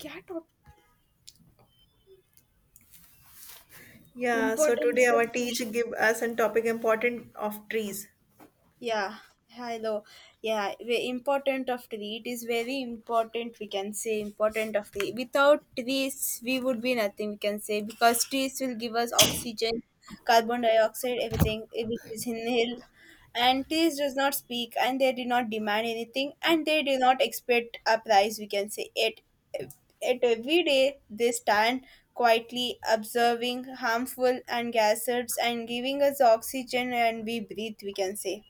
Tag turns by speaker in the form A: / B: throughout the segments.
A: क्या top
B: Yeah, so today
A: importance of
B: our
A: टी.
B: teacher give us a topic important of trees.
A: Yeah, hello. Yeah, the important of tree. It is very important. We can say important of tree. Without trees, we would be nothing. We can say, because trees will give us oxygen, carbon dioxide, everything which is inhaled. And trees does not speak, and they do not demand anything, and they do not expect a price. We can say it. At every day, they stand quietly observing harmful and gases and giving us oxygen and we breathe, we can say.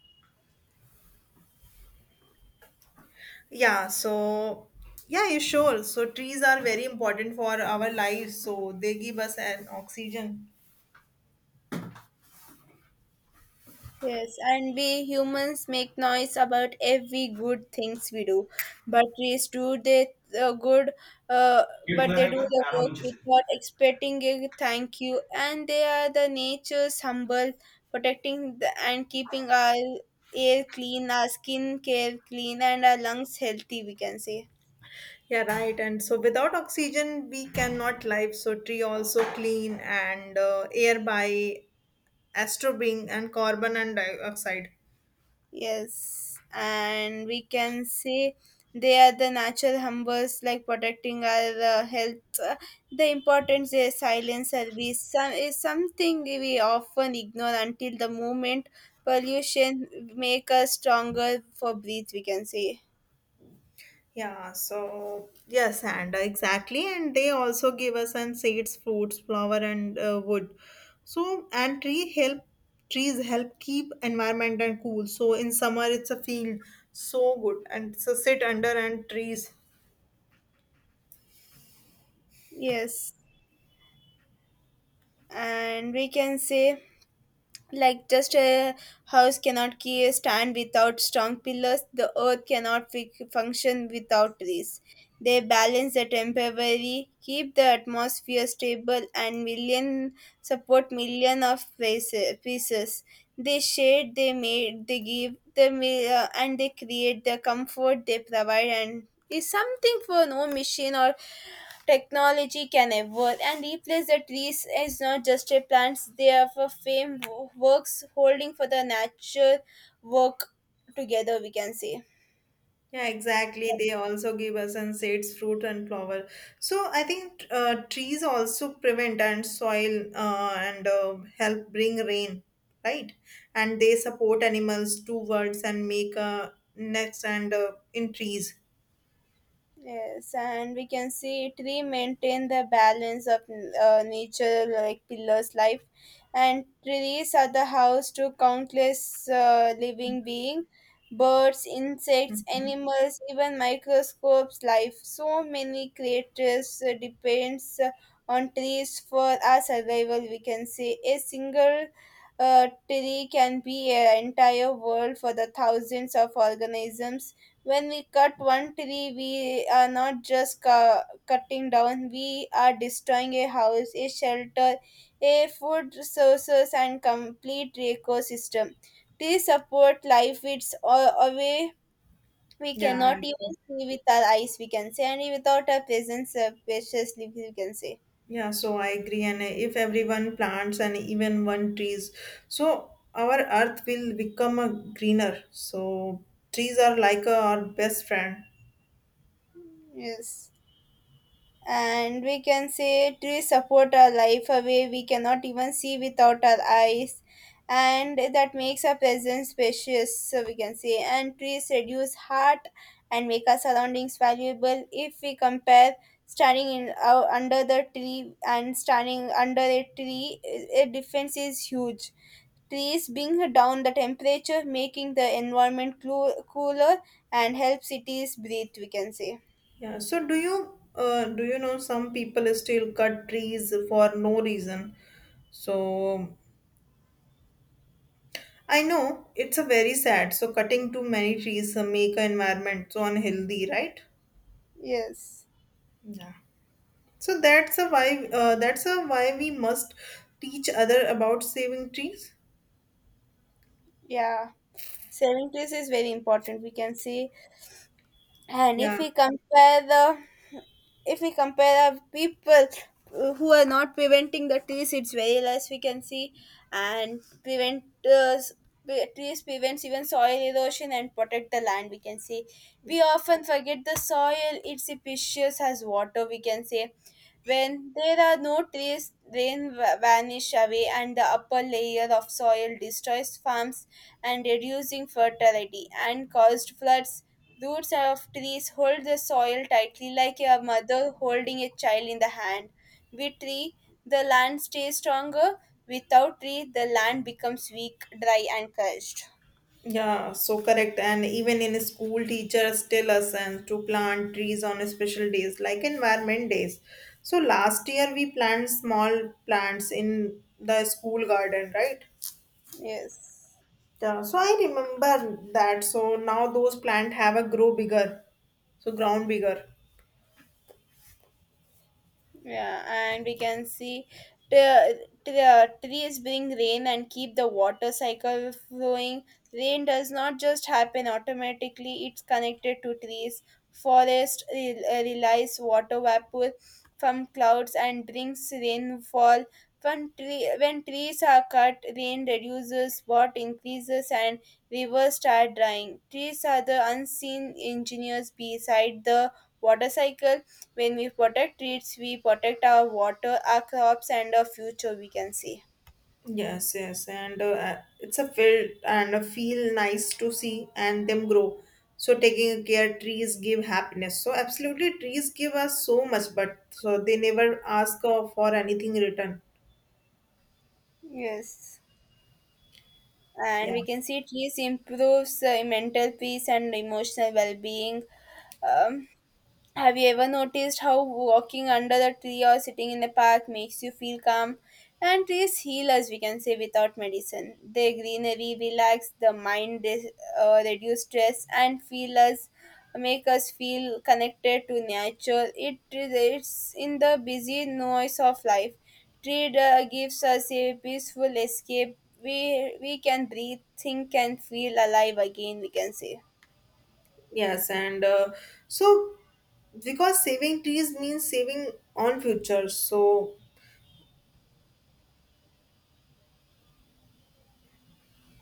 B: Yeah, so yeah, you sure. So trees are very important for our lives. So they give us an oxygen.
A: Yes, and we humans make noise about every good things we do. But trees do they uh, good, uh,
B: ये
A: but
B: खुला
A: they
B: रहेगा
A: do the
B: 18
A: work
B: inch से.
A: without expecting a thank you. And they are the nature's humble, protecting the, and keeping our air clean, our skin care clean, and our lungs healthy. We can say.
B: Yeah, right. And so without oxygen, we cannot live. So tree also clean and air by absorbing and carbon and dioxide.
A: Yes, and we can say they are the natural humbers, like protecting our health. The importance their silent service some, is something we often ignore until the moment pollution make us stronger for breathe. We can say
B: Yeah, so yes, and exactly, and they also give us and seeds, fruits, flower, and wood. So and trees help keep environment and cool. So in summer it's a field so good and so sit under and trees.
A: yes, and we can say like just a house cannot stand without strong pillars, the earth cannot function without these. They balance the temporary, keep the atmosphere stable and million, support million of pieces. They shade, they made, they give, they and they create the comfort they provide, and is something for no machine or technology can evolve and replace the trees. Is not just a plants, they are for fame works holding for the natural work together, we can say.
B: Yeah, exactly. They also give us and seeds, fruit and flower. So I think trees also prevent and soil and help bring rain, right? And they support animals to words and make nests and in trees.
A: Yes, and we can see tree maintain the balance of nature like pillars life, and trees are the house to countless living being, birds, insects,
B: Hmm.
A: animals, even microscopes life. So many creatures depends on trees for our survival. We can say a single tree can be an entire world for the thousands of organisms. When we cut one tree, we are not just cutting down, we are destroying a house, a shelter, a food sources, and complete ecosystem. Trees support life, it's a way we
B: Yeah, I
A: cannot even
B: agree.
A: see with our eyes, we can say, and without our presence, preciously, we can say.
B: Yeah. So I agree. And if everyone plants and even one trees, so our earth will become a greener. So trees are like our best friend.
A: Yes. And we can say trees support our life away we cannot even see without our eyes, and that makes our presence precious. So we can say, and trees reduce heart and make our surroundings valuable. If we compare standing in under the tree and standing under a tree, a difference is huge. Trees bring down the temperature, making the environment cooler, and help cities breathe, we can say.
B: Yeah. So do you know some people still cut trees for no reason? So I know it's a very sad. So cutting too many trees make an environment so unhealthy, right?
A: Yes,
B: Yeah. So that's a why we must teach other about saving trees.
A: yeah, saving grace is very important, we can see. And
B: Yeah.
A: if we compare the, if we compare our people who are not preventing the trees, it's very less, we can see. And prevent trees prevents even soil erosion and protect the land, we can see. We often forget the soil, it's precious as water, we can say. When there are no trees, rain vanish away and the upper layer of soil destroys farms and reducing fertility and caused floods. The roots of trees hold the soil tightly like a mother holding a child in the hand. With tree, the land stays stronger. Without tree, the land becomes weak, dry, and cursed.
B: Yeah, so correct. And even in school, teachers tell us and to plant trees on special days like environment days. So last year we planted small plants in the school garden, right?
A: Yes.
B: Yeah, so I remember that. So now those plants have a grow bigger, so ground bigger.
A: Yeah, and we can see the trees bring rain and keep the water cycle flowing. Rain does not just happen automatically, it's connected to trees. Forest relies water vapor from clouds and brings rainfall. When trees are cut, rain reduces, what increases, and rivers start drying. Trees are the unseen engineers beside the water cycle. When we protect trees, we protect our water, our crops, and our future, we can see.
B: Yes, yes, and it's a feel nice to see and them grow. So taking care, trees give happiness. So absolutely, trees give us so much, but so they never ask for anything in return.
A: Yes, and
B: Yeah,
A: we can see trees improves mental peace and emotional well-being. um, Have you ever noticed how walking under the tree or sitting in the park makes you feel calm? And trees heal us, we can say, without medicine. Their greenery relax the mind, reduce stress, and feel us, make us feel connected to nature. It it's in the busy noise of life. Tree gives us a peaceful escape. We can breathe, think, and feel alive again. We can say.
B: yes, and so because saving trees means saving on future. So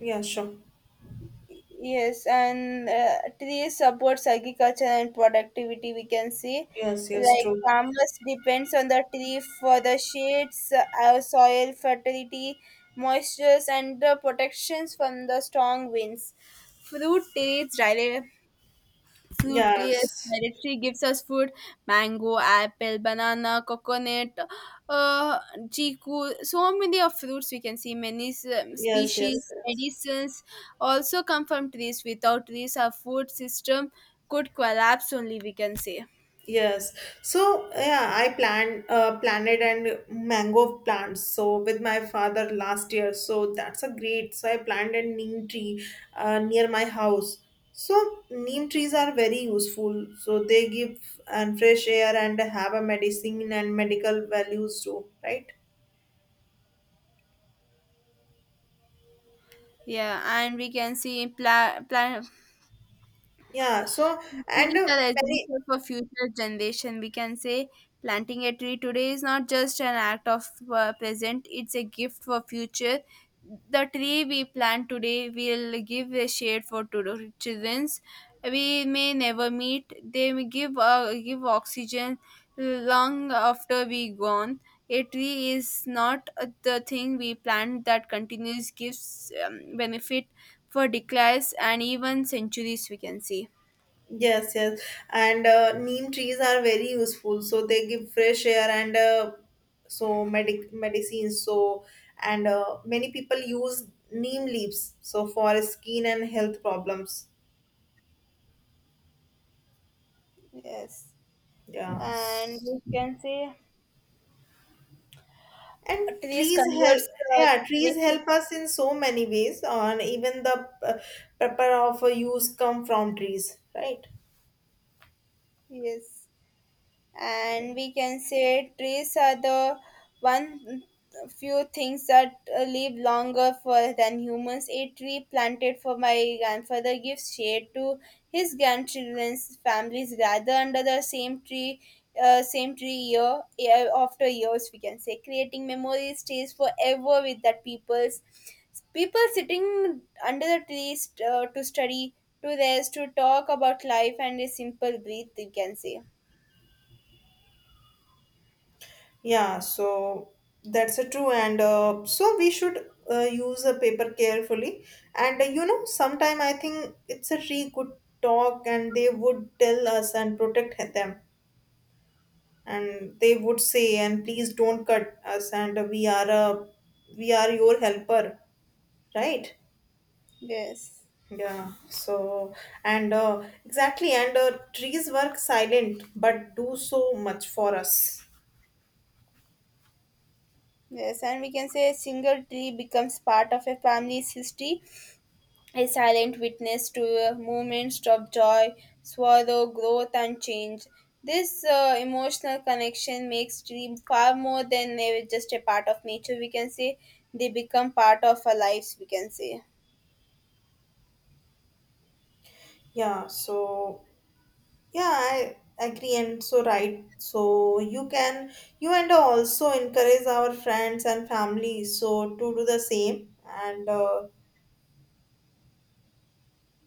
B: yeah, sure.
A: Yes, and trees supports agriculture and productivity. We can see,
B: Yes, yes,
A: like
B: true.
A: farmers depends on the tree for the shades, soil fertility, moistures, and the protections from the strong winds. Fruit trees rely, fruitiest
B: Yes,
A: directory gives us food: mango, apple, banana, coconut, uh chiku, so many of fruits, we can see, many
B: yes, yes,
A: species
B: yes.
A: medicines also come from trees. Without trees, our food system could collapse only, we can say.
B: Yes. So yeah, I planted and mango plants. So with my father last year. So that's a great. So I planted neem tree near my house. So neem trees are very useful. So they give and fresh air and have a medicine and medical values too, right?
A: Yeah, and we can see
B: Yeah. So and
A: trees are
B: many.
A: essential for future generation. We can say planting a tree today is not just an act of present; it's a gift for future. The tree we plant today will give a shade for childrens we may never meet. They may give oxygen long after we gone. A tree is not the thing we plant that continues gives benefit for decades and even centuries. We can see.
B: Yes, yes. And neem trees are very useful. So they give fresh air and so medicines. So and many people use neem leaves. So for skin and health problems.
A: Yes,
B: Yeah.
A: and we can say
B: And
A: trees
B: trees help.
A: converts uh,
B: Yeah, trees
A: generation.
B: help us in so many ways. And even the uh, paper of use come from trees, right?
A: Yes. And we can say trees are the one few things that live longer for than humans. A tree planted for my grandfather gives shade to his grandchildren's families, gather under the same tree, same tree year, year after years, we can say, creating memories stays forever with that people's, people sitting under the trees to study, to rest, to talk about life and a simple breathe, we can say
B: Yeah, so that's a true, and so we should use a paper carefully. And sometime I think it's a really good talk, and they would tell us and protect them, and they would say, and please don't cut us, and we are your helper, right?
A: yes.
B: Yeah, so and exactly, and trees work silent but do so much for us.
A: Yes, and we can say a single tree becomes part of a family's history, a silent witness to moments of joy, sorrow, growth, and change. This emotional connection makes tree far more than just a part of nature. We can say they become part of our lives. We can say
B: Yeah, so yeah, I agree and so right. So you can you and also encourage our friends and family, so to do the same. And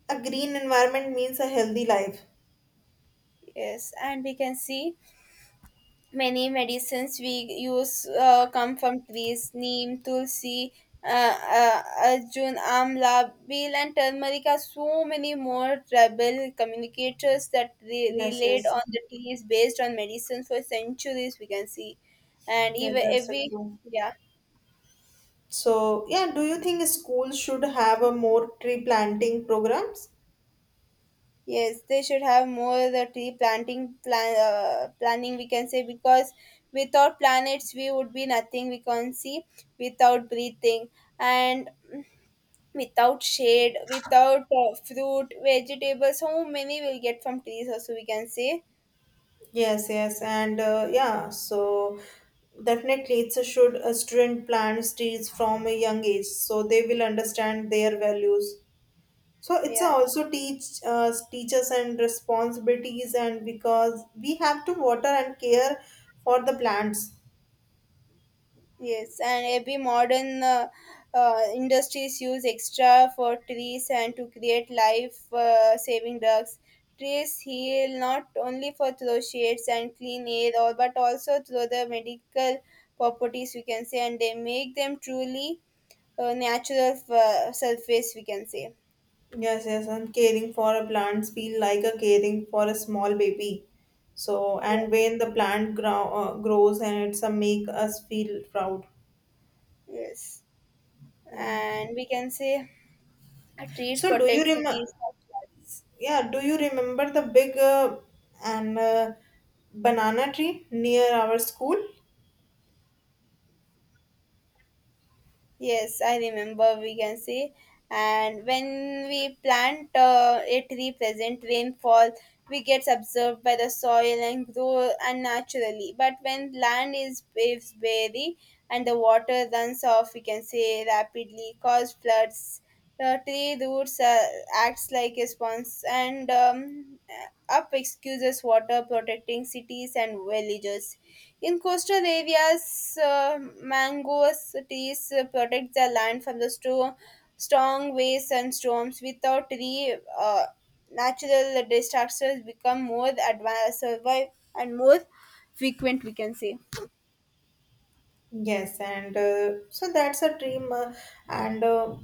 B: a green environment means a healthy life.
A: yes, and we can see many medicines we use come from trees. Neem, tulsi, uh, arjun, amla, beel, and turmeric are so many more tribal communicators that
B: Yes,
A: relied
B: yes.
A: on the trees based on medicines for centuries. We can see, and
B: Yeah,
A: even
B: that's it
A: every
B: too.
A: yeah.
B: So yeah, do you think schools should have a more tree planting programs?
A: Yes, they should have more the tree planting plan planning, we can say, because without planets we would be nothing, we can see, without breathing, and without shade, without fruit, vegetables, how many we'll get from trees also, we can say.
B: Yes, yes, and yeah, so definitely it's a should a student plant trees from a young age, so they will understand their values. So it's
A: Yeah,
B: also teach teachers and responsibilities, and because we have to water and care for the plants.
A: yes, and every modern industries use extra for trees and to create life saving drugs. Trees heal not only for through shades and clean air, or but also through the medical properties, we can say, and they make them truly natural surface, we can say.
B: Yes, yes, and caring for a plants feel like a caring for a small baby. So
A: Yeah.
B: and when the plant grows, and it's a make us feel proud.
A: Yes,
B: Yeah.
A: and we can say a trees
B: So do you
A: protect
B: remember?
A: cities from floods.
B: Yeah. Do you remember the big and banana tree near our school?
A: Yes, I remember, we can say. And when we plant a tree present rainfall, we gets absorbed by the soil and grow unnaturally. But when land is very and the water runs off, we can say, rapidly, cause floods. The tree roots acts like a sponge and up excuses water protecting cities and villages. In coastal areas, mangoes trees protect the land from the strong winds and storms. Without tree, natural disasters become more advanced survive and more frequent, we can say.
B: Yes, and so that's a dream, and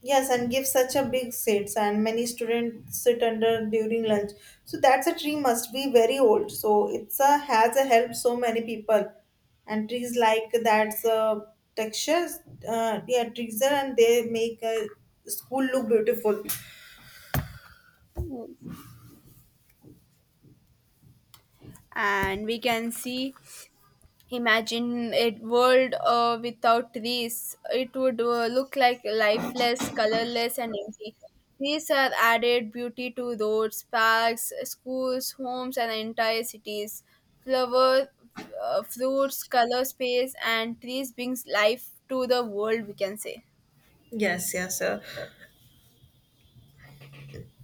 B: yes, and give such a big seats, and many students sit under during lunch. So that's a tree must be very old. So it's a has a helped so many people, and trees like that's textures, yeah, trees are and they make a school look beautiful.
A: And we can see, imagine a world without trees. It would look like lifeless, colorless, and empty. Trees are added beauty to roads, parks, schools, homes, and entire cities. Flower, fruits, color space, and trees brings life to the world. We can say
B: Yes, yes, sir.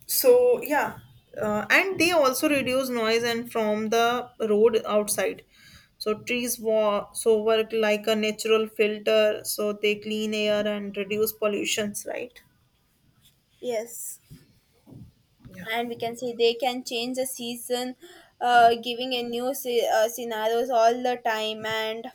B: So yeah, and they also reduce noise and from the road outside. So trees so work like a natural filter, so they clean air and reduce pollutions, right?
A: yes.
B: Yeah.
A: And we can say they can change the season, giving a new scenarios all the time. And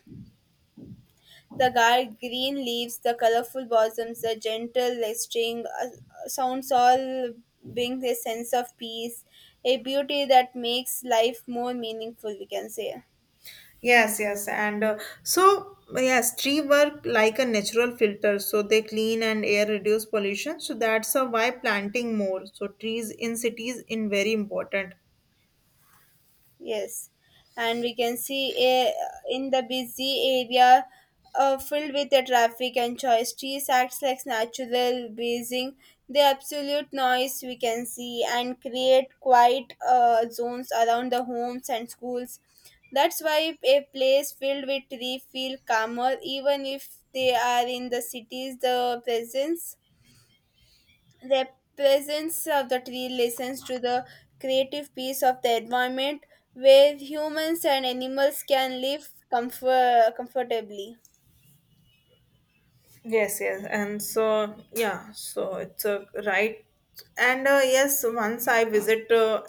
A: the guard green leaves, the colorful blossoms, the gentle listing sounds, all bring a sense of peace, a beauty that makes life more meaningful, we can say.
B: Yes, yes, and so yes, tree work like a natural filter, so they clean and air reduce pollution, so that's why planting more so trees in cities in very important.
A: Yes, and we can see a, in the busy area filled with the traffic and choice. Trees acts like natural breathing. The absolute noise, we can see, and create quiet zones around the homes and schools. That's why a place filled with tree feel calmer even if they are in the cities. The presence. The presence of the tree listens to the creative piece of the environment where humans and animals can live comfortably.
B: Yes, yes, and so yeah, so it's a right, and yes, once I visit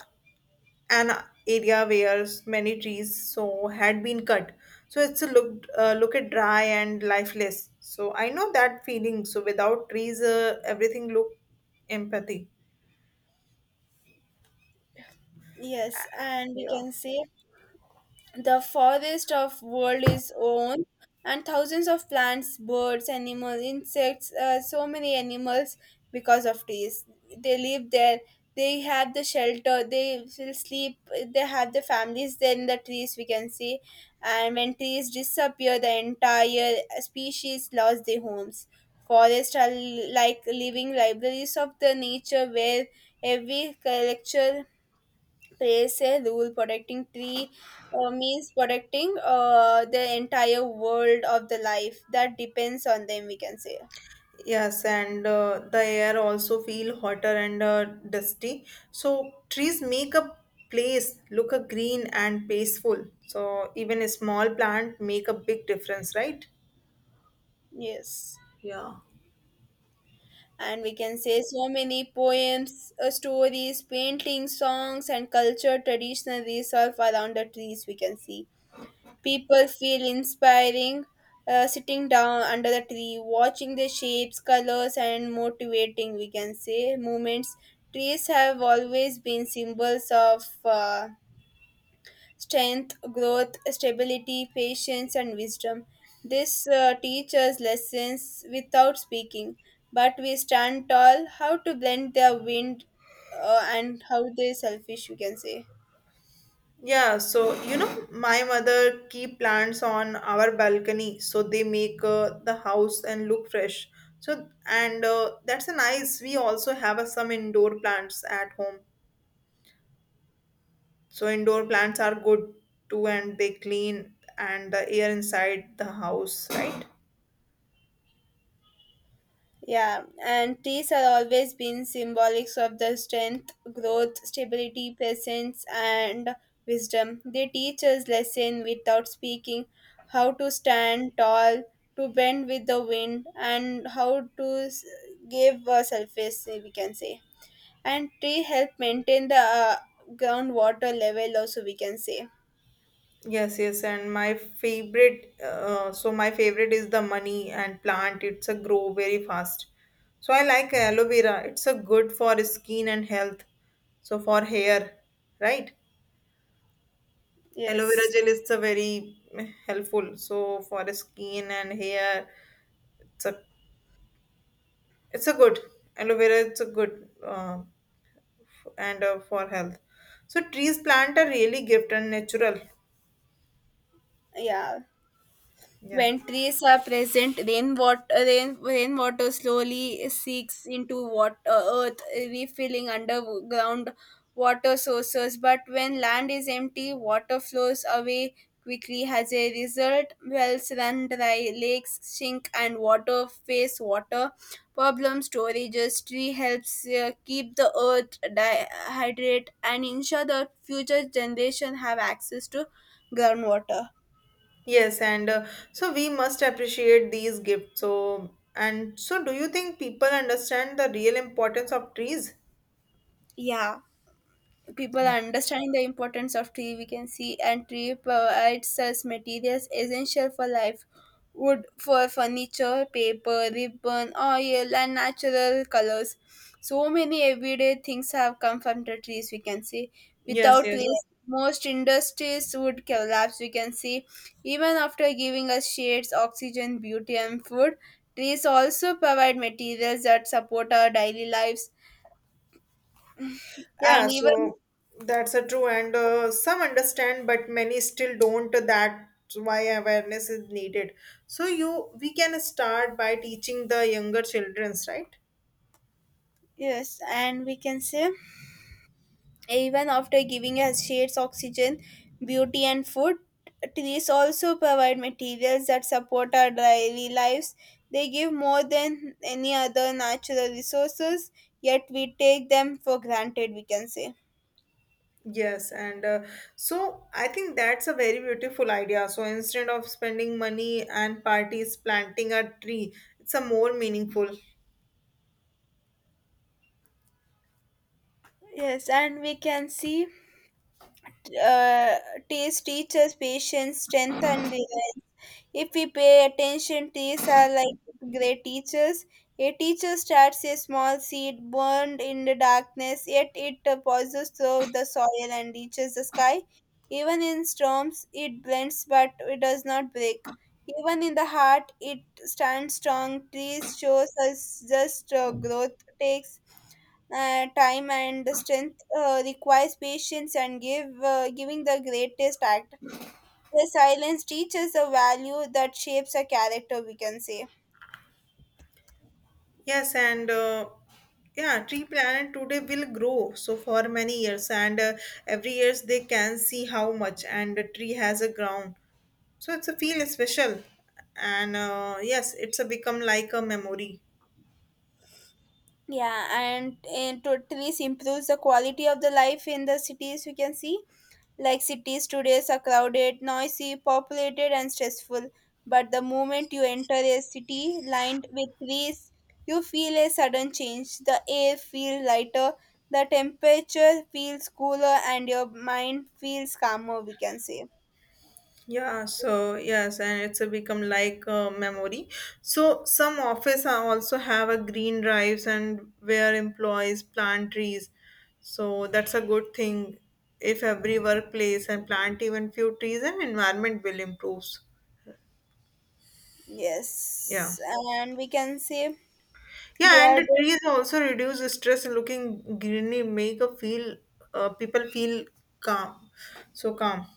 B: an area where many trees so had been cut, so it's a look at dry and lifeless. So I know that feeling. So without trees, everything look empathy.
A: Yes, and we
B: Yeah.
A: can say the forest of world is own, and thousands of plants, birds, animals, insects, so many animals, because of trees. They live there. They have the shelter. They will sleep. They have the families there in the trees. We can see, and when trees disappear, the entire species lost their homes. Forests are like living libraries of the nature where every culture praise a rule protecting tree means protecting the entire world of the life that depends on them, we can say.
B: Yes, and the air also feel hotter and dusty. So trees make a place look a green and peaceful. So even a small plant make a big difference, right?
A: Yes,
B: Yeah.
A: and we can say so many poems, stories, paintings, songs, and culture traditional resolve around the trees, we can see. People feel inspiring, sitting down under the tree watching the shapes, colors, and motivating, we can say, movements. Trees have always been symbols of strength, growth, stability, patience, and wisdom. This teaches lessons without speaking, but we stand tall how to blend their wind, and how they selfish, we can say.
B: Yeah, so my mother keep plants on our balcony, so they make the house and look fresh. So and that's a nice. We also have some indoor plants at home, so indoor plants are good too, and they clean and the air inside the house, right?
A: Yeah, and trees are always been symbolics of the strength, growth, stability, presence, and wisdom. They teach us lesson without speaking, how to stand tall, to bend with the wind, and give a surface. We can say, and tree help maintain the uh, groundwater level also, we can say.
B: Yes, yes, and my favorite is the money and plant. It's a grow very fast. So I like aloe vera. It's a good for skin and health. So for hair, right? Aloe vera
A: Yes,
B: gel is a very helpful. So for skin and hair, it's a it's a good aloe vera. It's a good. And for health. So trees plant are really gift and natural.
A: yeah.
B: Yeah.
A: When trees are present, rainwater, rainwater slowly seeks into water, earth, refilling underground water sources. But when land is empty, water flows away quickly. As a result, wells run dry, lakes sink, and water face water problems. Storages tree helps keep the earth hydrated and ensure that future generation have access to groundwater.
B: Yes, and so we must appreciate these gifts. So and so, do you think people understand the real importance of trees?
A: Yeah. People
B: Yeah.
A: are understanding the importance of tree, we can see, and tree provides us materials essential for life: wood for furniture, paper, ribbon, oil, and natural colors. So many everyday things have come from the trees, we can see.
B: Yes.
A: Without
B: Yes.
A: trees, most industries would collapse, we can see. Even after giving us shades, oxygen, beauty, and food, trees also provide materials that support our daily lives.
B: Yeah.
A: And even,
B: So that's a true, and some understand, but many still don't. That's why awareness is needed. So we can start by teaching the younger childrens, right?
A: yes, and we can say, even after giving us shades, oxygen, beauty, and food, trees also provide materials that support our daily lives. They give more than any other natural resources, yet we take them for granted, we can say.
B: Yes, and so I think that's a very beautiful idea. So instead of spending money and parties planting a tree, it's a more meaningful.
A: Yes, and we can see, uh, trees teach us patience, strength, and reliance. If we pay attention, trees are like great teachers. A teacher starts a small seed burned in the darkness, yet it pauses through the soil and reaches the sky. Even in storms, it bends but it does not break. Even in the heart, it stands strong. Trees shows us just growth takes time and the strength requires patience and give giving the greatest act. Their silence teaches a value that shapes a character, we can say.
B: Yes, and yeah, tree planet today will grow so for many years, and every years they can see how much and the tree has a ground. So it's a feel special, and yes, it's a become like a memory.
A: Yeah, and it totally improves the quality of the life in the cities, we can see. Like, cities today are crowded, noisy, populated, and stressful. But the moment you enter a city lined with trees, you feel a sudden change. The air feels lighter, the temperature feels cooler, and your mind feels calmer, we can say.
B: Yeah, so yes, and it's a become like a memory. So some office are also have a green drives and where employees plant trees. So that's a good thing if every workplace and plant even few trees and environment will improves. Yeah.
A: Yes, and we can say they
B: Yeah, and
A: are
B: the
A: the,
B: trees also reduce the stress, looking greenery make a feel people feel calm. So calm.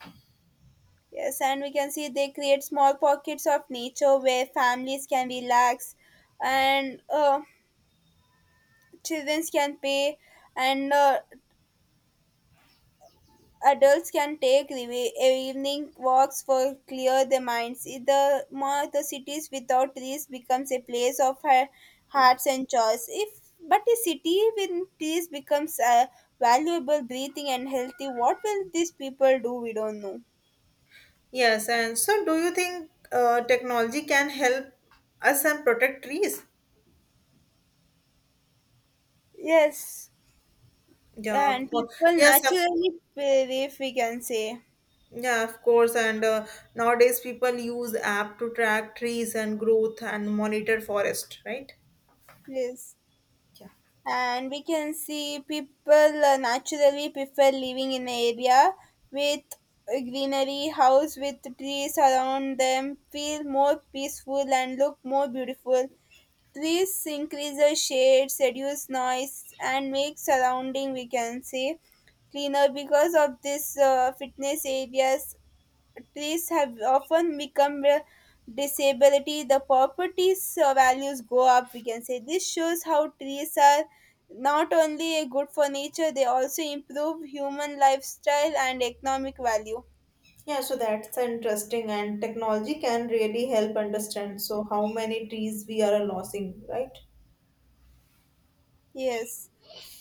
A: yes, and we can see they create small pockets of nature where families can relax and, children can play, and adults can evening walks for clear their minds. In the more, the cities without trees becomes a place of hearts and joys. If, but a city with trees becomes a valuable breathing and healthy, what will these people do? We don't know.
B: Yes, and so do you think technology can help us and protect trees?
A: Yes.
B: Yeah, of
A: And people
B: course. Yes,
A: naturally feel, if we can say,
B: yeah, of course. And nowadays, people use app to track trees and growth and monitor forest, right?
A: yes,
B: Yeah.
A: and we can see people naturally prefer living in an area with a greenery house. With trees around them, feel more peaceful and look more beautiful. Trees increase the shades, reduce noise, and make surrounding, we can say, cleaner. Because of this, fitness areas, trees have often become a disability, the properties values go up, we can say. This shows how trees are not only good for nature, they also improve human lifestyle and economic value.
B: Yeah, so that's interesting, and technology can really help understand so how many trees we are losing, right?
A: Yes,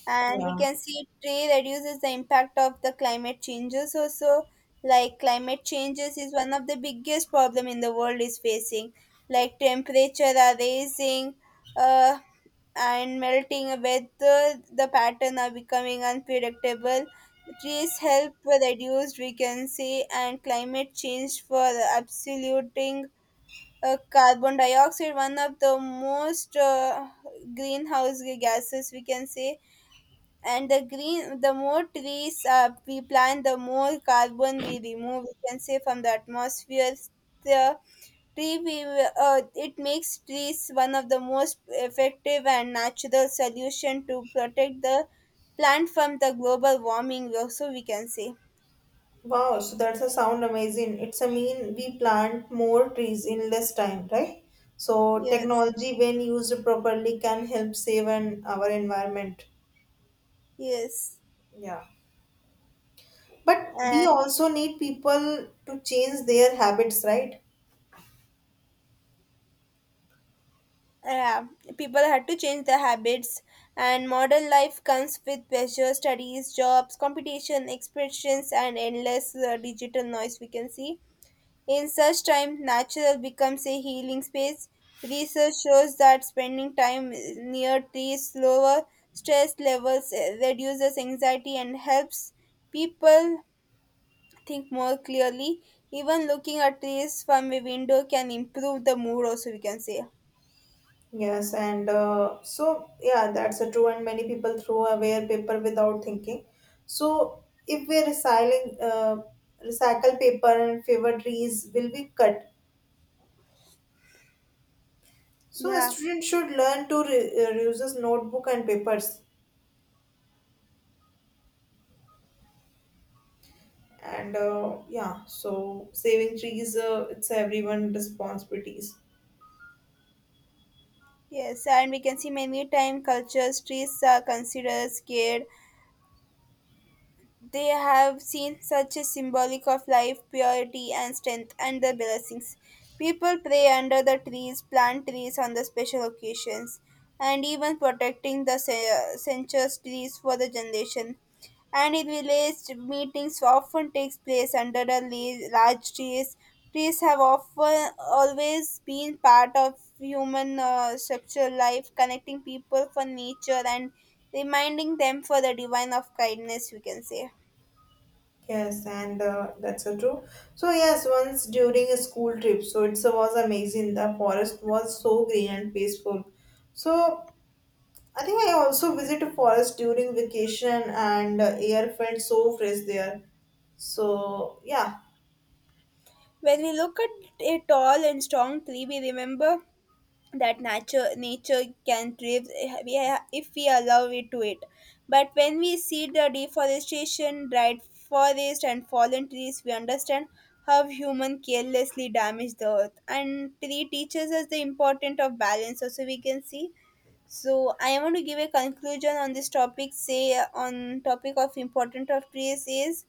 A: and we
B: Yeah.
A: can see tree reduces the impact of the climate changes also. Like, climate changes is one of the biggest problem in the world is facing. Like, temperature are rising, uh, and melting with, the pattern are becoming unpredictable. Trees help reduce vacancy and climate change for absoluting, carbon dioxide, one of the most, greenhouse gases, we can say. And the green, the more trees we plant, the more carbon we remove, we can say, from the atmosphere. The revive, it makes trees one of the most effective and natural solution to protect the plant from the global warming also, we can say.
B: Wow, so that's a sound amazing. It's a mean we plant more trees in less time, right? So
A: Yes,
B: technology when used properly can help save an our environment.
A: yes,
B: Yeah. But we
A: and
B: also need people to change their habits, right?
A: yeah, people had to change their habits. And modern life comes with pressure, studies, jobs, competition, expressions, and endless, digital noise, we can see. In such time, nature becomes a healing space. Research shows that spending time near trees lower stress levels, reduces anxiety, and helps people think more clearly. Even looking at trees from a window can improve the mood also, we can say.
B: Yes, and so yeah, that's a true. And many people throw away paper without thinking. So if we recycling recycle paper and favor trees will be cut. So a
A: Yeah,
B: student should learn to reuse notebook and papers. And yeah, so saving trees, it's everyone responsibilities.
A: yes, and we can see many time cultures trees are considered scared. They have seen such a symbolic of life, purity, and strength, and the blessings. People pray under the trees, plant trees on the special occasions, and even protecting the census trees for the generation. And in village meetings often takes place under the large trees. Trees have often always been part of human, structural life, connecting people for nature and reminding them for the divine of kindness, we can say.
B: Yes, and that's so true. So yes, once during a school trip, so it was amazing. The forest was so green and peaceful. So I think I also visited forest during vacation, and air felt so fresh there. So yeah,
A: When we look at a tall and strong tree, we remember that nature can thrive, if we allow it to it. But when we see the deforestation, dried forest, and fallen trees, we understand how human carelessly damage the earth. And tree teaches us the importance of balance also, we can see. So I want to give a conclusion on this topic. Say, on topic of importance of trees is,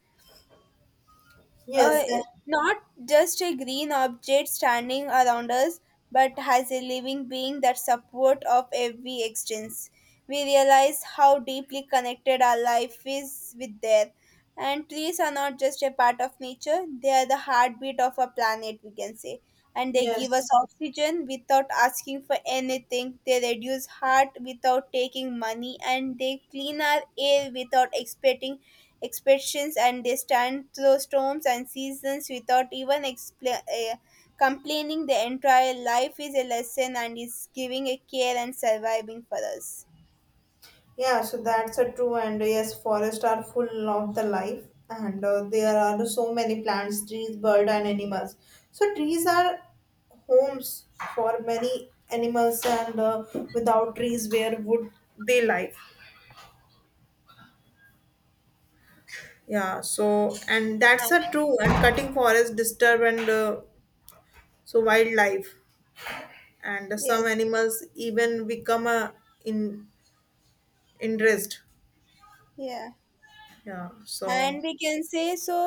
A: uh,
B: yes,
A: not just a green object standing around us, but has a living being that support of every existence. We realize how deeply connected our life is with there. And trees are not just a part of nature, they are the heartbeat of our planet, we can say. And they give us
B: yes.
A: oxygen without asking for anything. They reduce heart without taking money. And they clean our air without expecting expressions, and they stand through storms and seasons without even expla complaining. Their entire life is a lesson and is giving a care and surviving for us.
B: Yeah, so that's a true, and yes, forests are full of the life, and there are so many plants, trees, bird and animals. So trees are homes for many animals, and without trees where would they live? Yeah, so and that's a true, and cutting forest disturb, and so wildlife, and some
A: Yes,
B: animals even become a in interest.
A: yeah.
B: Yeah, so
A: And we can say, so,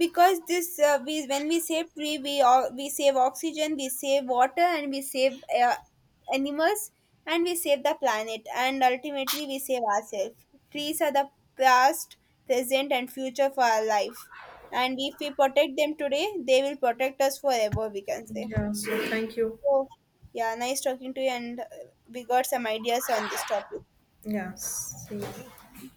A: because this, we, when we save tree, we save oxygen, we save water, and we save, uh, animals, and we save the planet, and ultimately we save ourselves. Trees are the past, present, and future for our life, and if we protect them today, they will protect us forever, we can say.
B: yeah, so thank you.
A: So yeah, nice talking to you, and, we got some ideas on this topic.
B: Yes. See you.